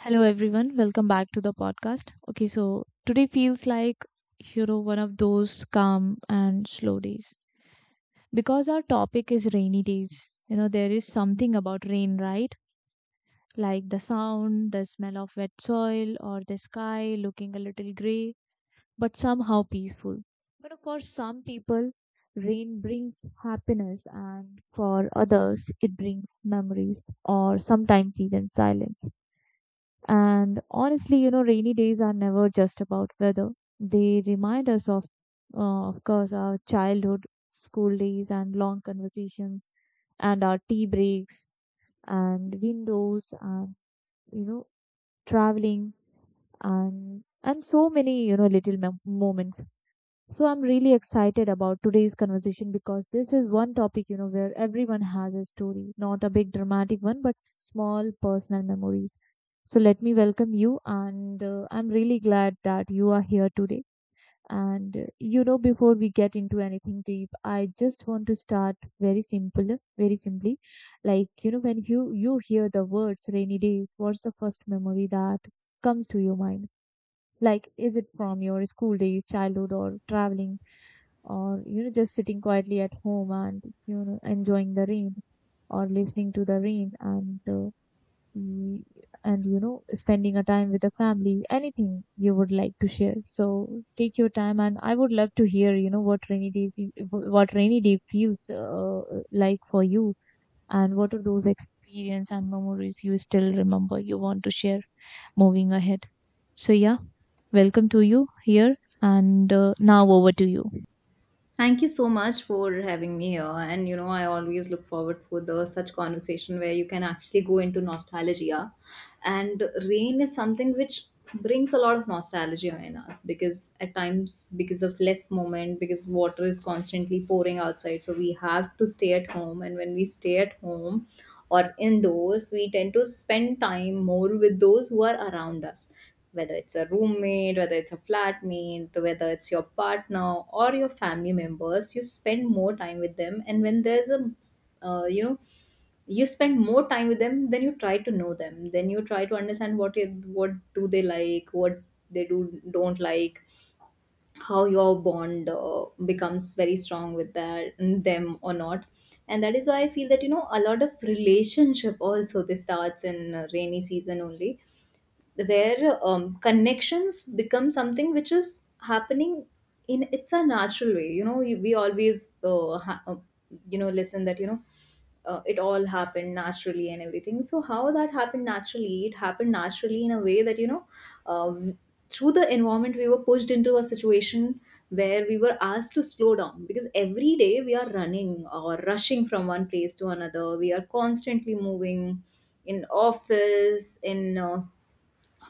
Hello everyone, welcome back to the podcast. Okay, so today feels like one of those calm and slow days because our topic is rainy days. There is something about rain, right? Like the sound, the smell of wet soil, or the sky looking a little gray, but somehow peaceful. But for some people, rain brings happiness, and for others, it brings memories or sometimes even silence. And honestly, rainy days are never just about weather. They remind us of course, our childhood, school days, and long conversations, and our tea breaks, and windows, and you know, traveling, and so many little moments. So I'm really excited about today's conversation because this is one topic, where everyone has a story, not a big dramatic one, but small personal memories. So let me welcome you, and I'm really glad that you are here today. And before we get into anything deep, I just want to start very simple, very simply. Like, when you hear the words rainy days, what's the first memory that comes to your mind? Like, is it from your school days, childhood, or traveling? Or just sitting quietly at home and enjoying the rain, or listening to the rain and y- spending a time with the family. Anything you would like to share, so take your time, and I would love to hear what rainy day what rainy day feels like for you, and what are those experience and memories you still remember you want to share moving ahead. So yeah, welcome to you here. And now over to you. Thank you so much for having me here. And you know, I always look forward for the such conversation where you can actually go into nostalgia. And rain is something which brings a lot of nostalgia in us because at times because of less moment, because water is constantly pouring outside. So we have to stay at home. And when we stay at home or indoors, we tend to spend time more with those who are around us, whether it's a roommate, whether it's a flatmate, whether it's your partner or your family members. You spend more time with them. And when there's a, uh, you know, you spend more time with them, then you try to know them. Then you try to understand what it, what do they like, what they do don't like, how your bond becomes very strong with that them or not. And that is why I feel that you know a lot of relationship also this starts in rainy season only, where connections become something which is happening in, it's a natural way. You know we always listen that it all happened naturally and everything. So how that happened naturally, it happened naturally in a way that um, through the environment we were pushed into a situation where we were asked to slow down, because every day we are running or rushing from one place to another, we are constantly moving in office, in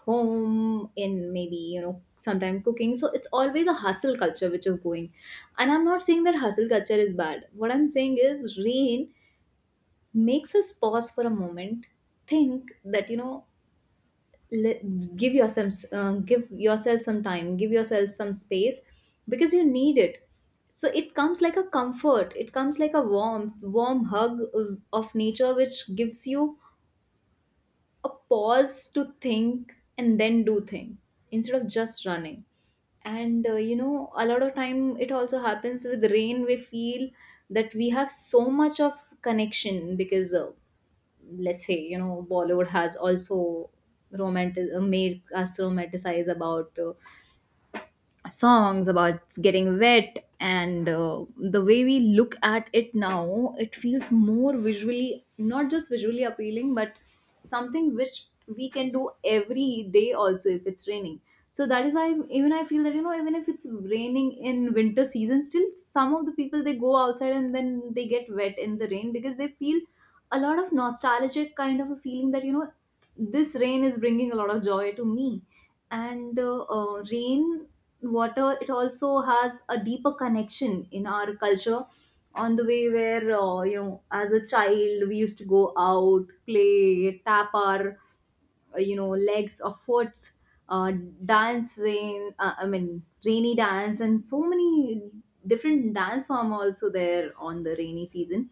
home, in maybe you know sometime cooking. So it's always a hustle culture which is going, and I'm not saying that hustle culture is bad. What I'm saying is rain makes us pause for a moment, think that you know, le- give yourself some time, give yourself some space, because you need it. So it comes like a comfort, it comes like a warm hug of nature, which gives you a pause to think and then do thing, instead of just running. And you know, a lot of time it also happens with rain, we feel that we have so much of connection, because let's say you know Bollywood has also romantic made us romanticize about songs about getting wet. And the way we look at it now, it feels more visually, not just visually appealing, but something which we can do every day also if it's raining. So that is why even I feel that you know, even if it's raining in winter season, still some of the people they go outside and then they get wet in the rain, because they feel a lot of nostalgic kind of a feeling that you know this rain is bringing a lot of joy to me. And rain water, it also has a deeper connection in our culture, on the way where you know, as a child we used to go out, play, tap our you know, legs or foot, uh, dance rain, I mean rainy dance, and so many different dance form also there on the rainy season.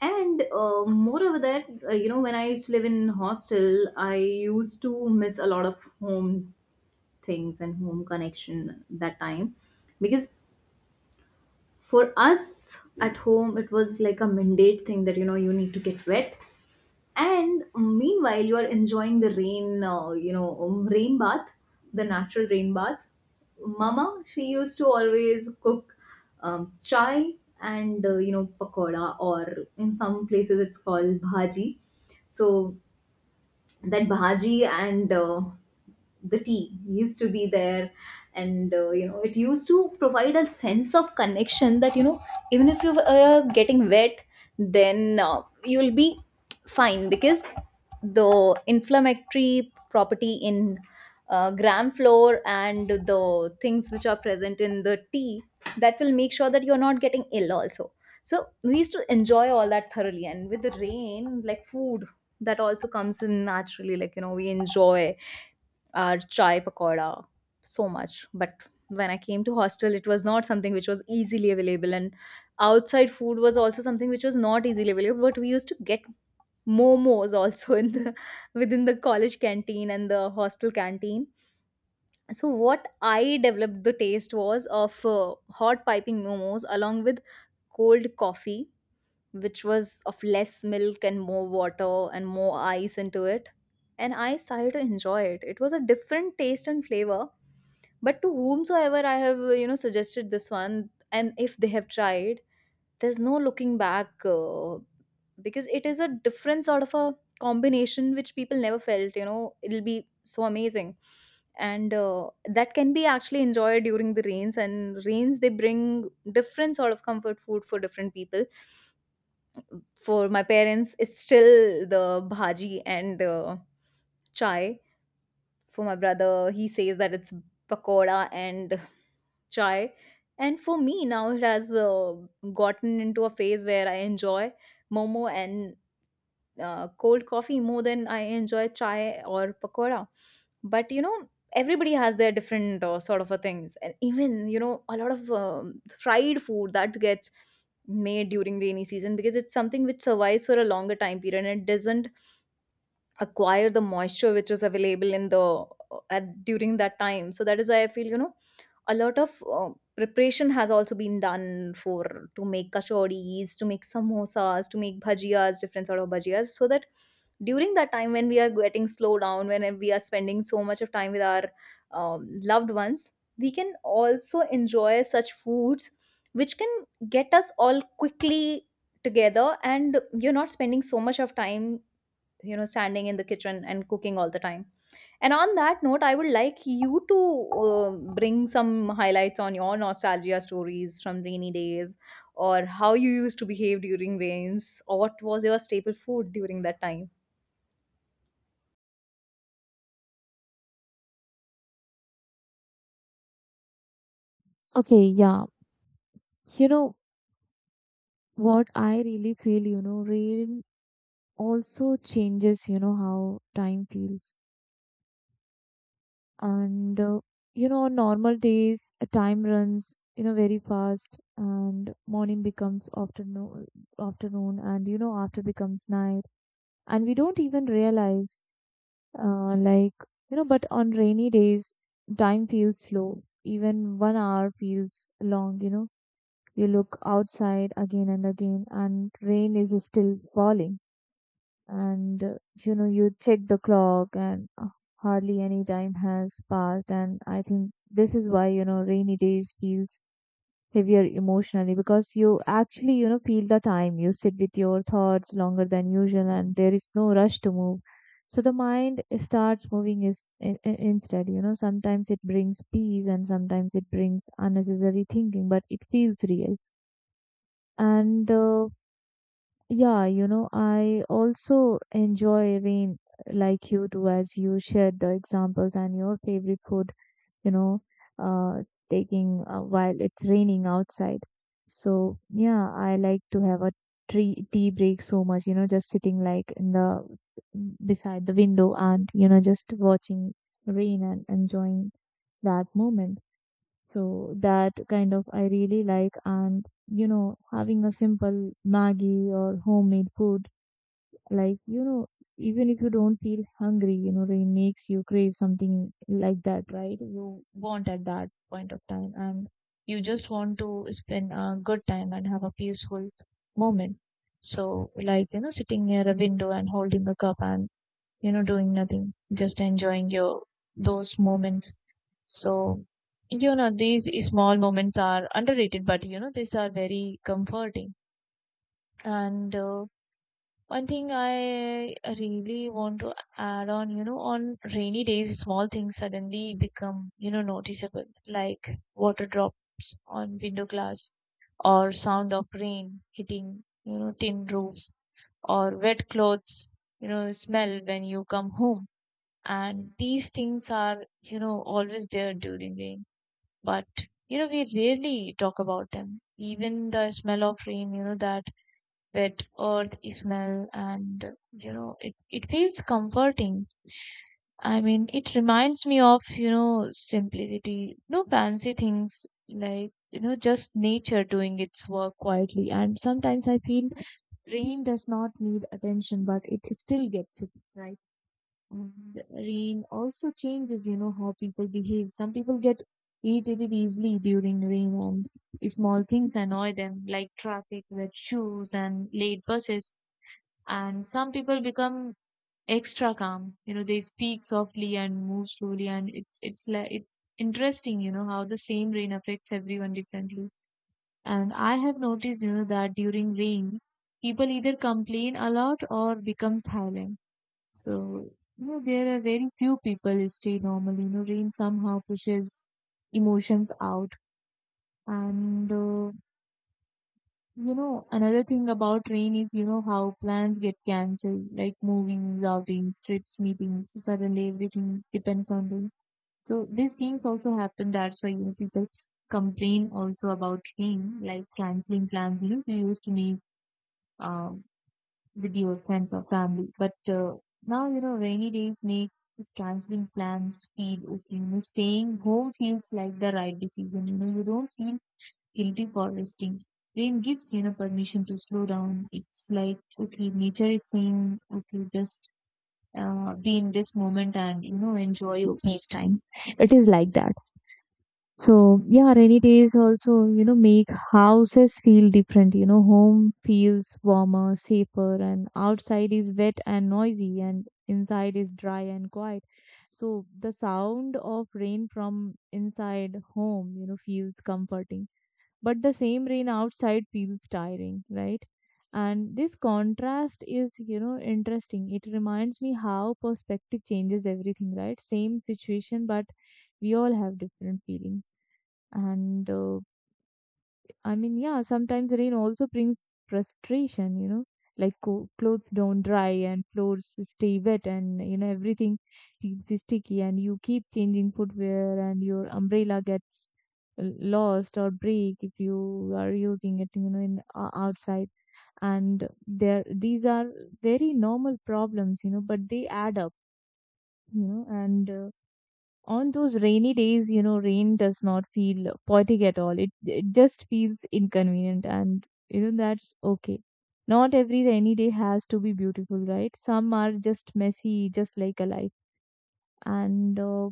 And moreover that, you know, when I used to live in hostel, I used to miss a lot of home things and home connection that time, because for us at home it was like a mandate thing that you know you need to get wet. And meanwhile you are enjoying the rain, rain bath, the natural rain bath, mama she used to always cook chai and you know pakoda, or in some places it's called bhaji. So that bhaji and the tea used to be there. And you know, it used to provide a sense of connection that you know, even if you are getting wet, then you'll be fine, because the inflammatory property in gram flour and the things which are present in the tea, that will make sure that you're not getting ill also. So we used to enjoy all that thoroughly. And with the rain like food, that also comes in naturally. Like you know, we enjoy our chai pakoda so much. But when I came to hostel, it was not something which was easily available, and outside food was also something which was not easily available. But we used to get momos also in the within the college canteen and the hostel canteen. So what I developed the taste was of hot piping momos along with cold coffee, which was of less milk and more water and more ice into it. And I started to enjoy it. It was a different taste and flavor. But to whomsoever I have, you know, suggested this one, and if they have tried, there's no looking back, because it is a different sort of a combination which people never felt. You know, it'll be so amazing, and that can be actually enjoyed during the rains. And rains they bring different sort of comfort food for different people. For my parents, it's still the bhaji and chai. For my brother, he says that it's pakoda and chai. And for me, now it has gotten into a phase where I enjoy momo and cold coffee more than I enjoy chai or pakora. But you know, everybody has their different sort of a things. And even you know, a lot of fried food that gets made during rainy season, because it's something which survives for a longer time period and it doesn't acquire the moisture which is available in the at during that time. So that is why I feel you know, a lot of preparation has also been done for to make kachoris, to make samosas, to make bhajias, different sort of bhajias, so that during that time when we are getting slow down, when we are spending so much of time with our loved ones, we can also enjoy such foods which can get us all quickly together, and you're not spending so much of time, you know, standing in the kitchen and cooking all the time. And on that note, I would like you to uh, bring some highlights on your nostalgia stories from rainy days, or how you used to behave during rains, or what was your staple food during that time. Okay, yeah. You know what I really feel, rain also changes, how time feels. And, on normal days, time runs, very fast, and morning becomes afternoon, afternoon and, after becomes night. And we don't even realize, like, but on rainy days, time feels slow. Even 1 hour feels long, you know. You look outside again and again, and rain is still falling, and you check the clock, and hardly any time has passed. And I think this is why rainy days feels heavier emotionally, because you actually feel the time. You sit with your thoughts longer than usual, and there is no rush to move, so the mind starts moving instead. Sometimes it brings peace, and sometimes it brings unnecessary thinking, but it feels real. And yeah, I also enjoy rain like you do, as you shared the examples and your favorite food, you know, uh, taking while it's raining outside. So, yeah, I like to have a tree tea break so much, just sitting like in the beside the window, and, just watching rain and enjoying that moment. So that kind of I really like, and, having a simple Maggie or homemade food, like, even if you don't feel hungry, they makes you crave something like that, right? You want at that point of time, and you just want to spend a good time and have a peaceful moment. So, like, sitting near a window and holding a cup, and, doing nothing, just enjoying your those moments. So, these small moments are underrated, but, these are very comforting. And, one thing I really want to add on, on rainy days, small things suddenly become, noticeable, like water drops on window glass, or sound of rain hitting, tin roofs, or wet clothes, smell when you come home. And these things are, always there during rain, but, we rarely talk about them. Even the smell of rain, that wet earth smell, and it feels comforting. I mean, it reminds me of simplicity, no fancy things, like just nature doing its work quietly. And sometimes I feel rain does not need attention, but it still gets it, right? And rain also changes how people behave. Some people get irritated easily during rain, and small things annoy them, like traffic, wet shoes, and late buses. And some people become extra calm, they speak softly and move slowly. And it's like it's interesting how the same rain affects everyone differently. And I have noticed that during rain, people either complain a lot or become silent. So there are very few people who stay normal. Rain somehow pushes emotions out. And another thing about rain is, how plans get cancelled, like moving, outings, trips, meetings. Suddenly everything depends on rain. So these things also happen. That's why, people complain also about rain, like cancelling plans, you used to make um, with your friends or family. But now, rainy days make cancelling plans feel okay. Staying home feels like the right decision. You don't feel guilty for. Rain gives permission to slow down. It's like, okay, nature is saying, okay, just be in this moment and enjoy your face time. It is like that. So yeah, rainy days also make houses feel different. Home feels warmer, safer, and outside is wet and noisy, and inside is dry and quiet. So the sound of rain from inside home, feels comforting, but the same rain outside feels tiring, right? And this contrast is, interesting. It reminds me how perspective changes everything, right? Same situation, but we all have different feelings. And I mean, yeah, sometimes rain also brings frustration, like clothes don't dry, and floors stay wet, and, everything feels sticky, and you keep changing footwear, and your umbrella gets lost or break if you are using it, in outside. And there, these are very normal problems, but they add up, and on those rainy days, rain does not feel poetic at all. It just feels inconvenient, and that's okay. Not every rainy day has to be beautiful, right? Some are just messy, just like a life. And uh,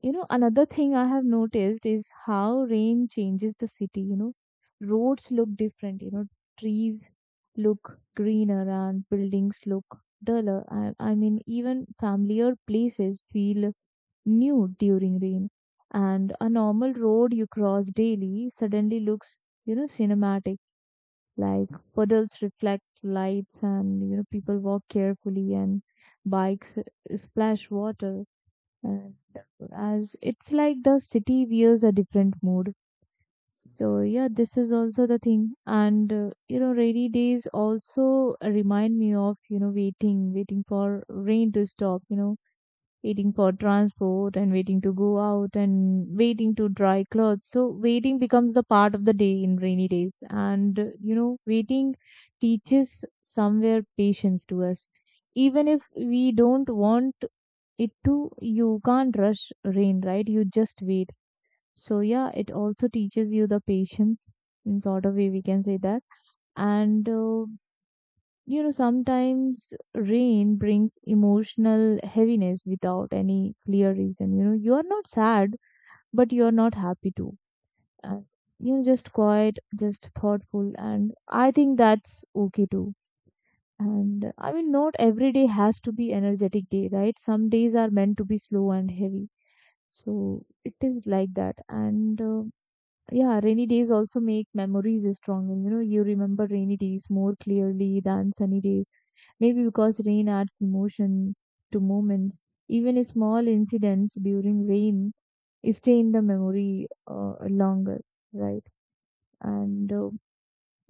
you know, another thing I have noticed is how rain changes the city. Roads look different. Trees look greener and buildings look duller. I mean, even familiar places feel new during rain. And a normal road you cross daily suddenly looks, cinematic. Like puddles reflect lights, and people walk carefully, and bikes splash water. And as it's like the city wears a different mood. So yeah, this is also the thing. And rainy days also remind me of, waiting, waiting for rain to stop, waiting for transport, and waiting to go out, and waiting to dry clothes. So waiting becomes the part of the day in rainy days. And waiting teaches somewhere patience to us. Even if we don't want it to, you can't rush rain, right? You just wait. So yeah, it also teaches you the patience in sort of way we can say that. And sometimes rain brings emotional heaviness without any clear reason. You are not sad, but you are not happy too. And just quiet, just thoughtful, and I think that's okay too. And I mean, not every day has to be energetic day, right? Some days are meant to be slow and heavy. So it is like that. And yeah, rainy days also make memories stronger. You remember rainy days more clearly than sunny days. Maybe because rain adds emotion to moments. Even a small incidents during rain stay in the memory longer, right? And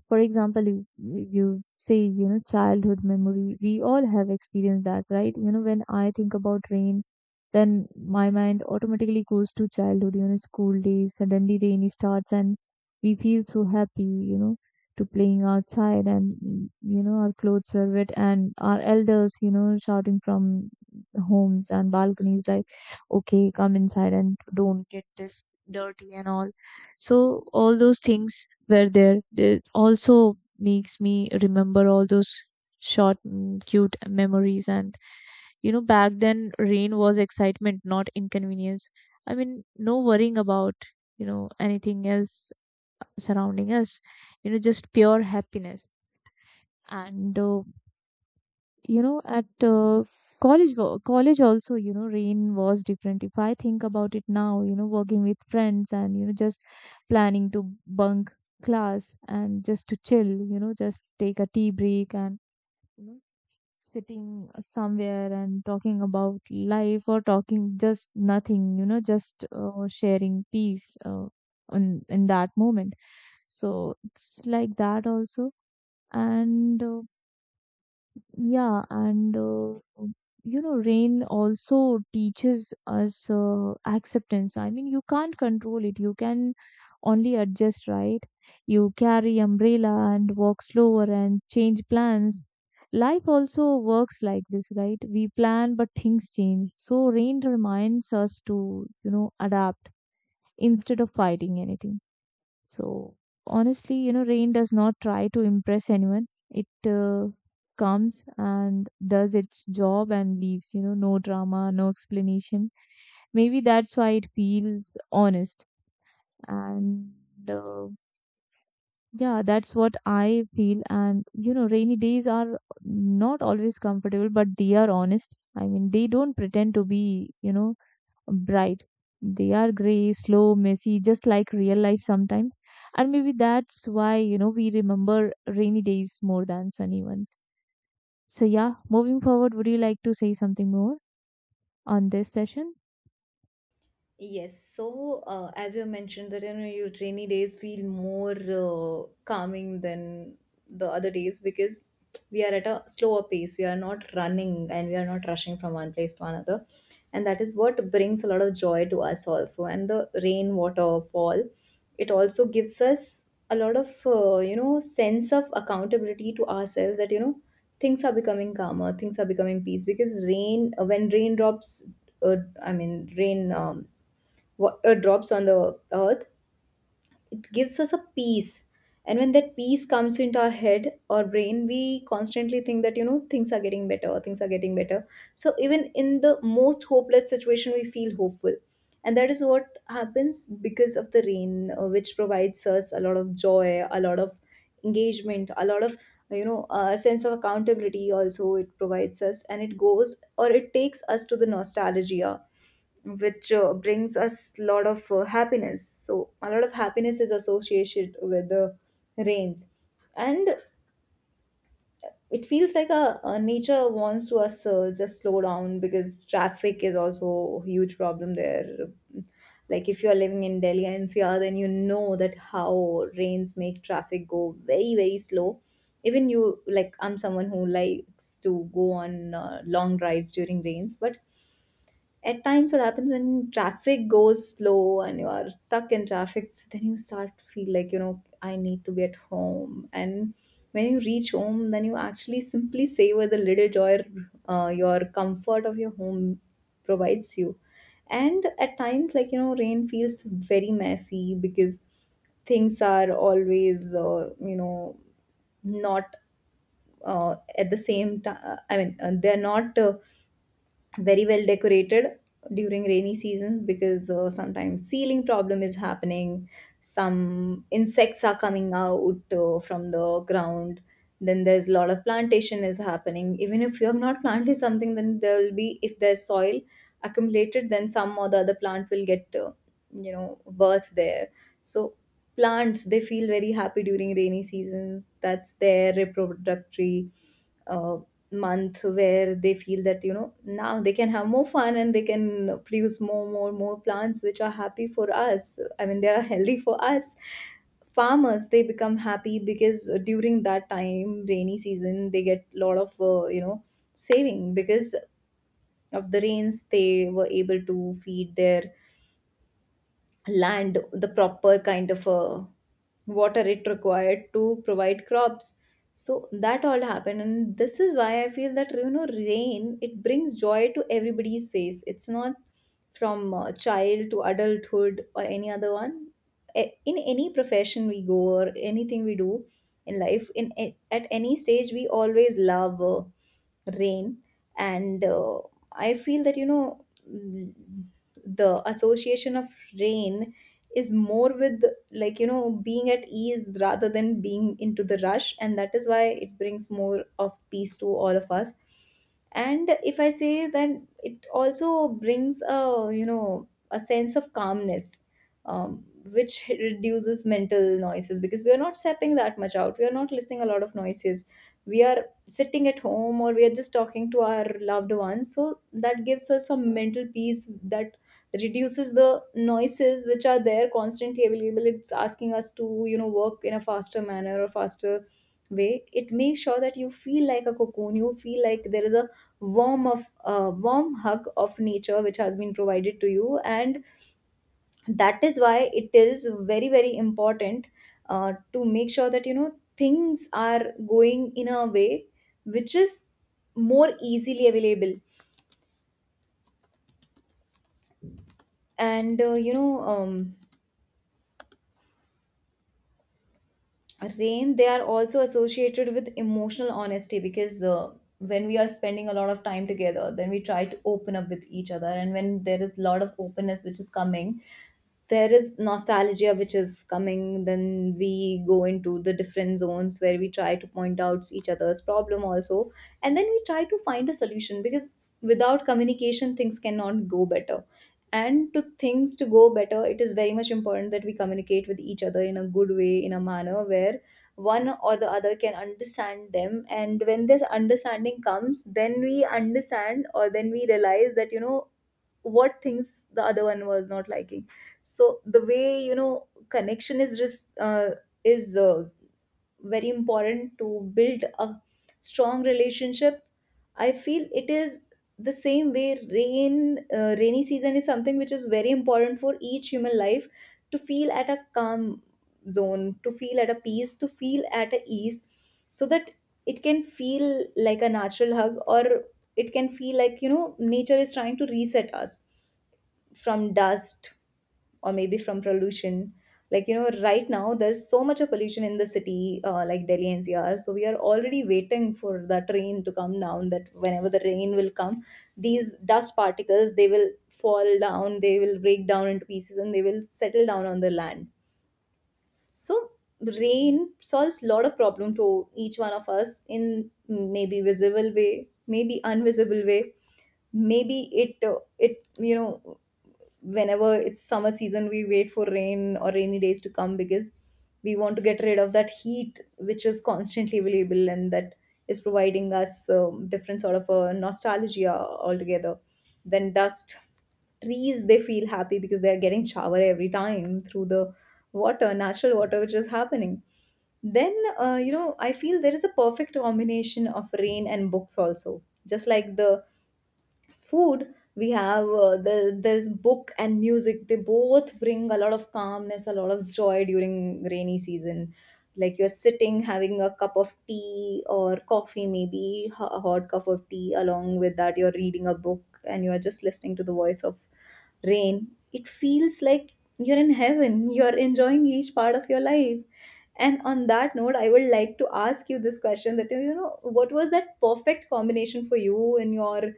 for example, you say, childhood memory. We all have experienced that, right? When I think about rain, then my mind automatically goes to childhood, school days. Suddenly rain starts and we feel so happy, to playing outside, and, our clothes are wet, and our elders, shouting from homes and balconies, like, okay, come inside and don't get this dirty and all. So all those things were there. It also makes me remember all those short, cute memories. And back then, rain was excitement, not inconvenience. I mean, no worrying about anything else surrounding us. You know, just pure happiness. And you know at college wo- College also, you know, rain was different if I think about it now, you know, working with friends and, you know, just planning to bunk class and just to chill, you know, just take a tea break and, you know, sitting somewhere and talking about life or talking just nothing, you know, just sharing peace on in that moment, so it's like that also. And uh, yeah, and uh, You know, rain also teaches us acceptance. I mean, you can't control it. You can only adjust, right? You carry umbrella and walk slower and change plans. Life also works like this, right? We plan, but things change. So rain reminds us to, you know, adapt instead of fighting anything. So honestly, you know, rain does not try to impress anyone. It comes and does its job and leaves, you know, no drama, no explanation. Maybe that's why it feels honest. And uh, yeah, that's what I feel. And you know, rainy days are not always comfortable, but they are honest. I mean, they don't pretend to be, you know, bright. They are gray, slow, messy, just like real life sometimes. And maybe that's why, you know, we remember rainy days more than sunny ones. So, yeah, moving forward, would you like to say something more on this session? Yes, so as you mentioned that you know your rainy days feel more calming than the other days, because we are at a slower pace. We are not running and we are not rushing from one place to another, and that is what brings a lot of joy to us also. And the rain water fall, it also gives us a lot of you know, sense of accountability to ourselves that you know things are becoming calmer, things are becoming peace. Because rain when raindrops, uh, I mean rain, drops on the earth, it gives us a peace. And when that peace comes into our head or brain, we constantly think that, you know, things are getting better, things are getting better. So even in the most hopeless situation, we feel hopeful. And that is what happens because of the rain, which provides us a lot of joy, a lot of engagement, a lot of, you know, a sense of accountability also it provides us. And it goes or it takes us to the nostalgia, which brings us a lot of happiness. So, a lot of happiness is associated with the rains, and it feels like a, uh, nature wants to us just slow down, because traffic is also a huge problem there. Like if you are living in Delhi and NCR, then you know that how rains make traffic go very slow. Even you, like I'm someone who likes to go on long drives during rains, but at times what happens, when traffic goes slow and you are stuck in traffic, so then you start to feel like you know I need to be at home. And when you reach home, then you actually simply savor the little joy your comfort of your home provides you. And at times, like you know, rain feels very messy, because things are always you know, not at the same time, I mean they're not very well decorated during rainy seasons, because sometimes ceiling problem is happening, some insects are coming out from the ground, then there's a lot of plantation is happening. Even if you have not planted something, then there will be, if there's soil accumulated, then some or the other plant will get you know birth there. So plants they feel very happy during rainy seasons. That's their reproductory uh, month where they feel that now they can have more fun and they can produce more plants which are happy for us. I mean, they are healthy for us. Farmers, they become happy because during that time, rainy season, they get a lot of saving because of the rains. They were able to feed their land the proper kind of water it required to provide crops. So that all happened, and this is why I feel that rain, it brings joy to everybody's face. It's not from child to adulthood or any other one, in any profession we go or anything we do in life, in at any stage, we always love rain. And I feel that mm, the association of rain is more with, like being at ease rather than being into the rush, and that is why it brings more of peace to all of us. And if I say, then it also brings a you know a sense of calmness, which reduces mental noises because we are not sapping that much out. We are not listening a lot of noises. We are sitting at home or we are just talking to our loved ones. So that gives us some mental peace that reduces the noises which are there constantly available. It's asking us to, work in a faster manner or faster way. It makes sure that you feel like a cocoon. You feel like there is a warm of warm hug of nature which has been provided to you, and that is why it is very very important to make sure that things are going in a way which is more easily available. And you know rain, they are also associated with emotional honesty because when we are spending a lot of time together, then we try to open up with each other, and when there is a lot of openness which is coming, there is nostalgia which is coming, then we go into the different zones where we try to point out each other's problem also, and then we try to find a solution. Because without communication, things cannot go better, and to things to go better, it is very much important that we communicate with each other in a good way, in a manner where one or the other can understand them. And when this understanding comes, then we understand, or then we realize that what things the other one was not liking. So the way connection is just is very important to build a strong relationship, I feel. It is the same way rain, rainy season is something which is very important for each human life to feel at a calm zone, to feel at a peace, to feel at a ease, so that it can feel from dust or maybe from pollution. Like, you know, right now there's so much of pollution in the city, like Delhi NCR. So we are already waiting for the rain to come down. That whenever the rain will come, these dust particles, they will fall down, they will break down into pieces, and they will settle down on the land. So rain solves a lot of problem to each one of us, in maybe visible way, maybe unvisible way. Maybe it whenever it's summer season, we wait for rain or rainy days to come because we want to get rid of that heat which is constantly available, and that is providing us, different sort of a nostalgia altogether. Then dust, trees, they feel happy because they are getting shower every time through the water, natural water which is happening. Then I feel there is a perfect combination of rain and books also. Just like the food we have, there's book and music, they both bring a lot of calmness, a lot of joy during rainy season. Like, you're sitting having a cup of tea or coffee, maybe a hot cup of tea, along with that you're reading a book and you're just listening to the voice of rain. It feels like you're in heaven, you're enjoying each part of your life. And on that note, I would like to ask you this question, that, you know, what was that perfect combination for you in your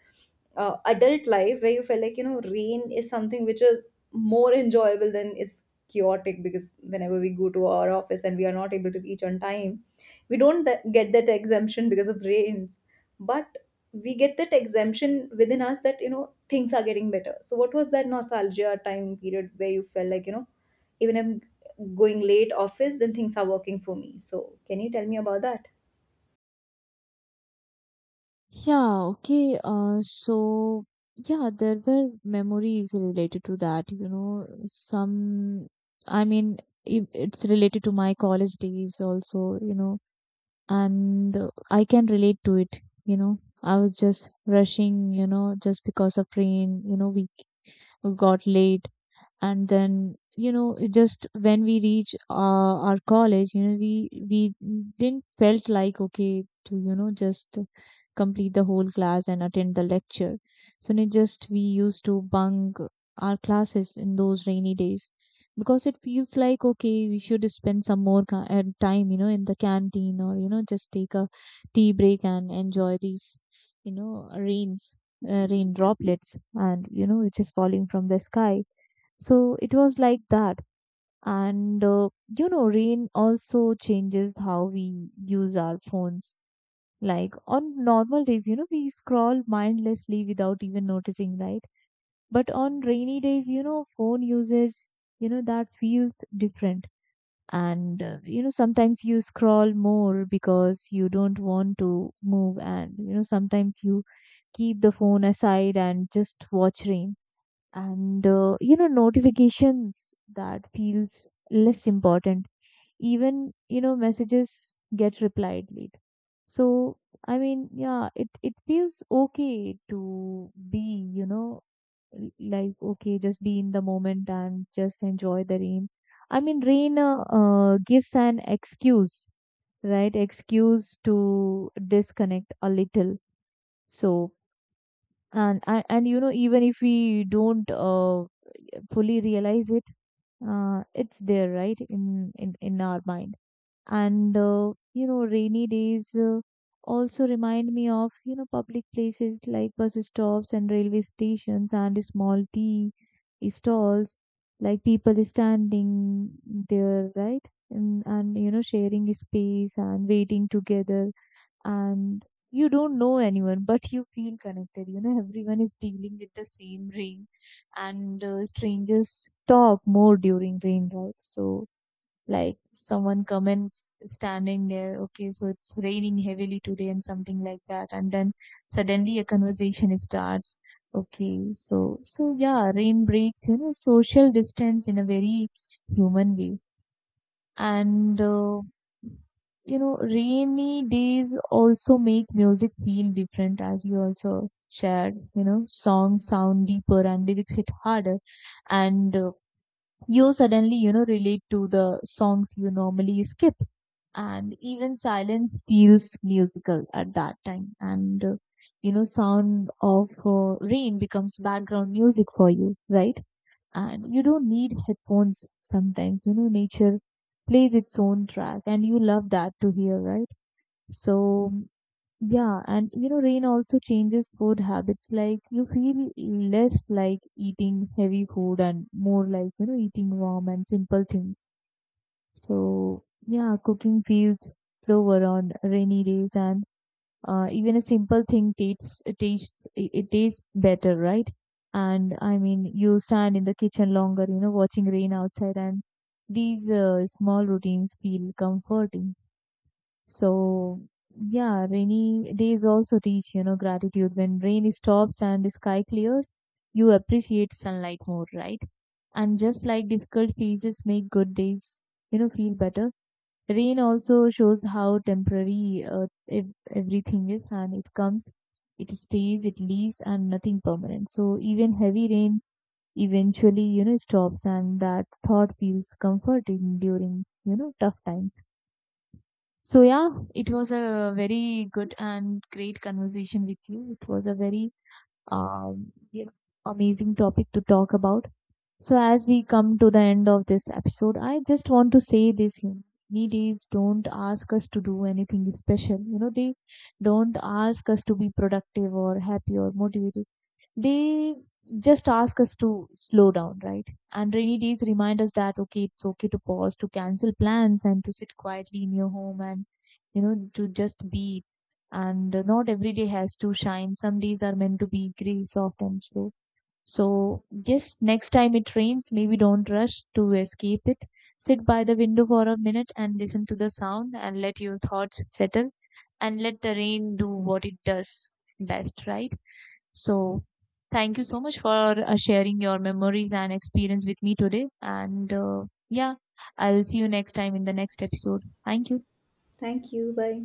adult life where you felt like, you know, rain is something which is more enjoyable than it's chaotic. Because whenever we go to our office and we are not able to reach on time, we don't get that exemption because of rains, but we get that exemption within us, that you know, things are getting better. So what was that nostalgia time period where you felt like, you know, even I'm going late office, then things are working for me? So can you tell me about that? Yeah, okay. So yeah, there were memories related to that, you know, some, I mean, it's related to my college days also, you know, and I can relate to it. You know, I was just rushing, you know, just because of rain. You know, we got late, and then you know it just when we reach our college, you know, we didn't felt like okay to, you know, just complete the whole class and attend the lecture. So it just we used to bunk our classes in those rainy days, because it feels like okay, we should spend some more time, you know, in the canteen, or you know, just take a tea break and enjoy these, you know, rains, rain droplets, and you know, which is falling from the sky. So it was like that. And you know, rain also changes how we use our phones. Like on normal days, you know, we scroll mindlessly without even noticing, right? But on rainy days, you know, phone usage, you know, that feels different. And you know, sometimes you scroll more because you don't want to move, and you know, sometimes you keep the phone aside and just watch rain, and you know, notifications that feels less important, even you know messages get replied late. So I mean, yeah, it feels okay to be, you know, like okay, just be in the moment and just enjoy the rain. I mean rain gives an excuse, right, excuse to disconnect a little. So and you know, even if we don't fully realize it, it's there, right, in our mind. And you know, rainy days also remind me of, you know, public places like bus stops and railway stations and small tea stalls, like people standing there, right, and you know, sharing space and waiting together. And you don't know anyone, but you feel connected, you know, everyone is dealing with the same rain. And strangers talk more during rain, right? So like someone comments standing there, okay, so it's raining heavily today and something like that, and then suddenly a conversation starts. Okay, so so yeah, rain breaks, you know, social distance in a very human way. And you know, rainy days also make music feel different, as you also shared, you know, songs sound deeper and lyrics hit harder. And you suddenly, you know, relate to the songs you normally skip, and even silence feels musical at that time. And you know, sound of rain becomes background music for you, right? And you don't need headphones sometimes, you know, nature plays its own track, and you love that to hear, right? So yeah, and you know, rain also changes food habits. Like you feel less like eating heavy food, and more like, you know, eating warm and simple things. So yeah, cooking feels slower on rainy days, and even a simple thing tastes it it tastes better, right? And I mean, you stand in the kitchen longer, you know, watching rain outside, and these small routines feel comforting. So yeah, rainy days also teach, you know, gratitude. When rain stops and the sky clears, you appreciate sunlight more, right? And just like difficult phases make good days, you know, feel better, rain also shows how temporary everything is. And it comes, it stays, it leaves, and nothing permanent. So even heavy rain eventually, you know, stops, and that thought feels comforting during, you know, tough times. So yeah, it was a very good and great conversation with you. It was a very, um, you know, amazing topic to talk about. So, as we come to the end of this episode, I just want to say this. You know, needies don't ask us to do anything special. You know, they don't ask us to be productive or happy or motivated. They just ask us to slow down, right? And rainy days remind us that, okay, it's okay to pause, to cancel plans, and to sit quietly in your home and, you know, to just be. And not every day has to shine. Some days are meant to be gray, soft, and slow. So, yes, next time it rains, maybe don't rush to escape it. Sit by the window for a minute and listen to the sound and let your thoughts settle and let the rain do what it does best, right? So, thank you so much for sharing your memories and experience with me today. And yeah, I'll see you next time in the next episode. Thank you. Thank you. Bye.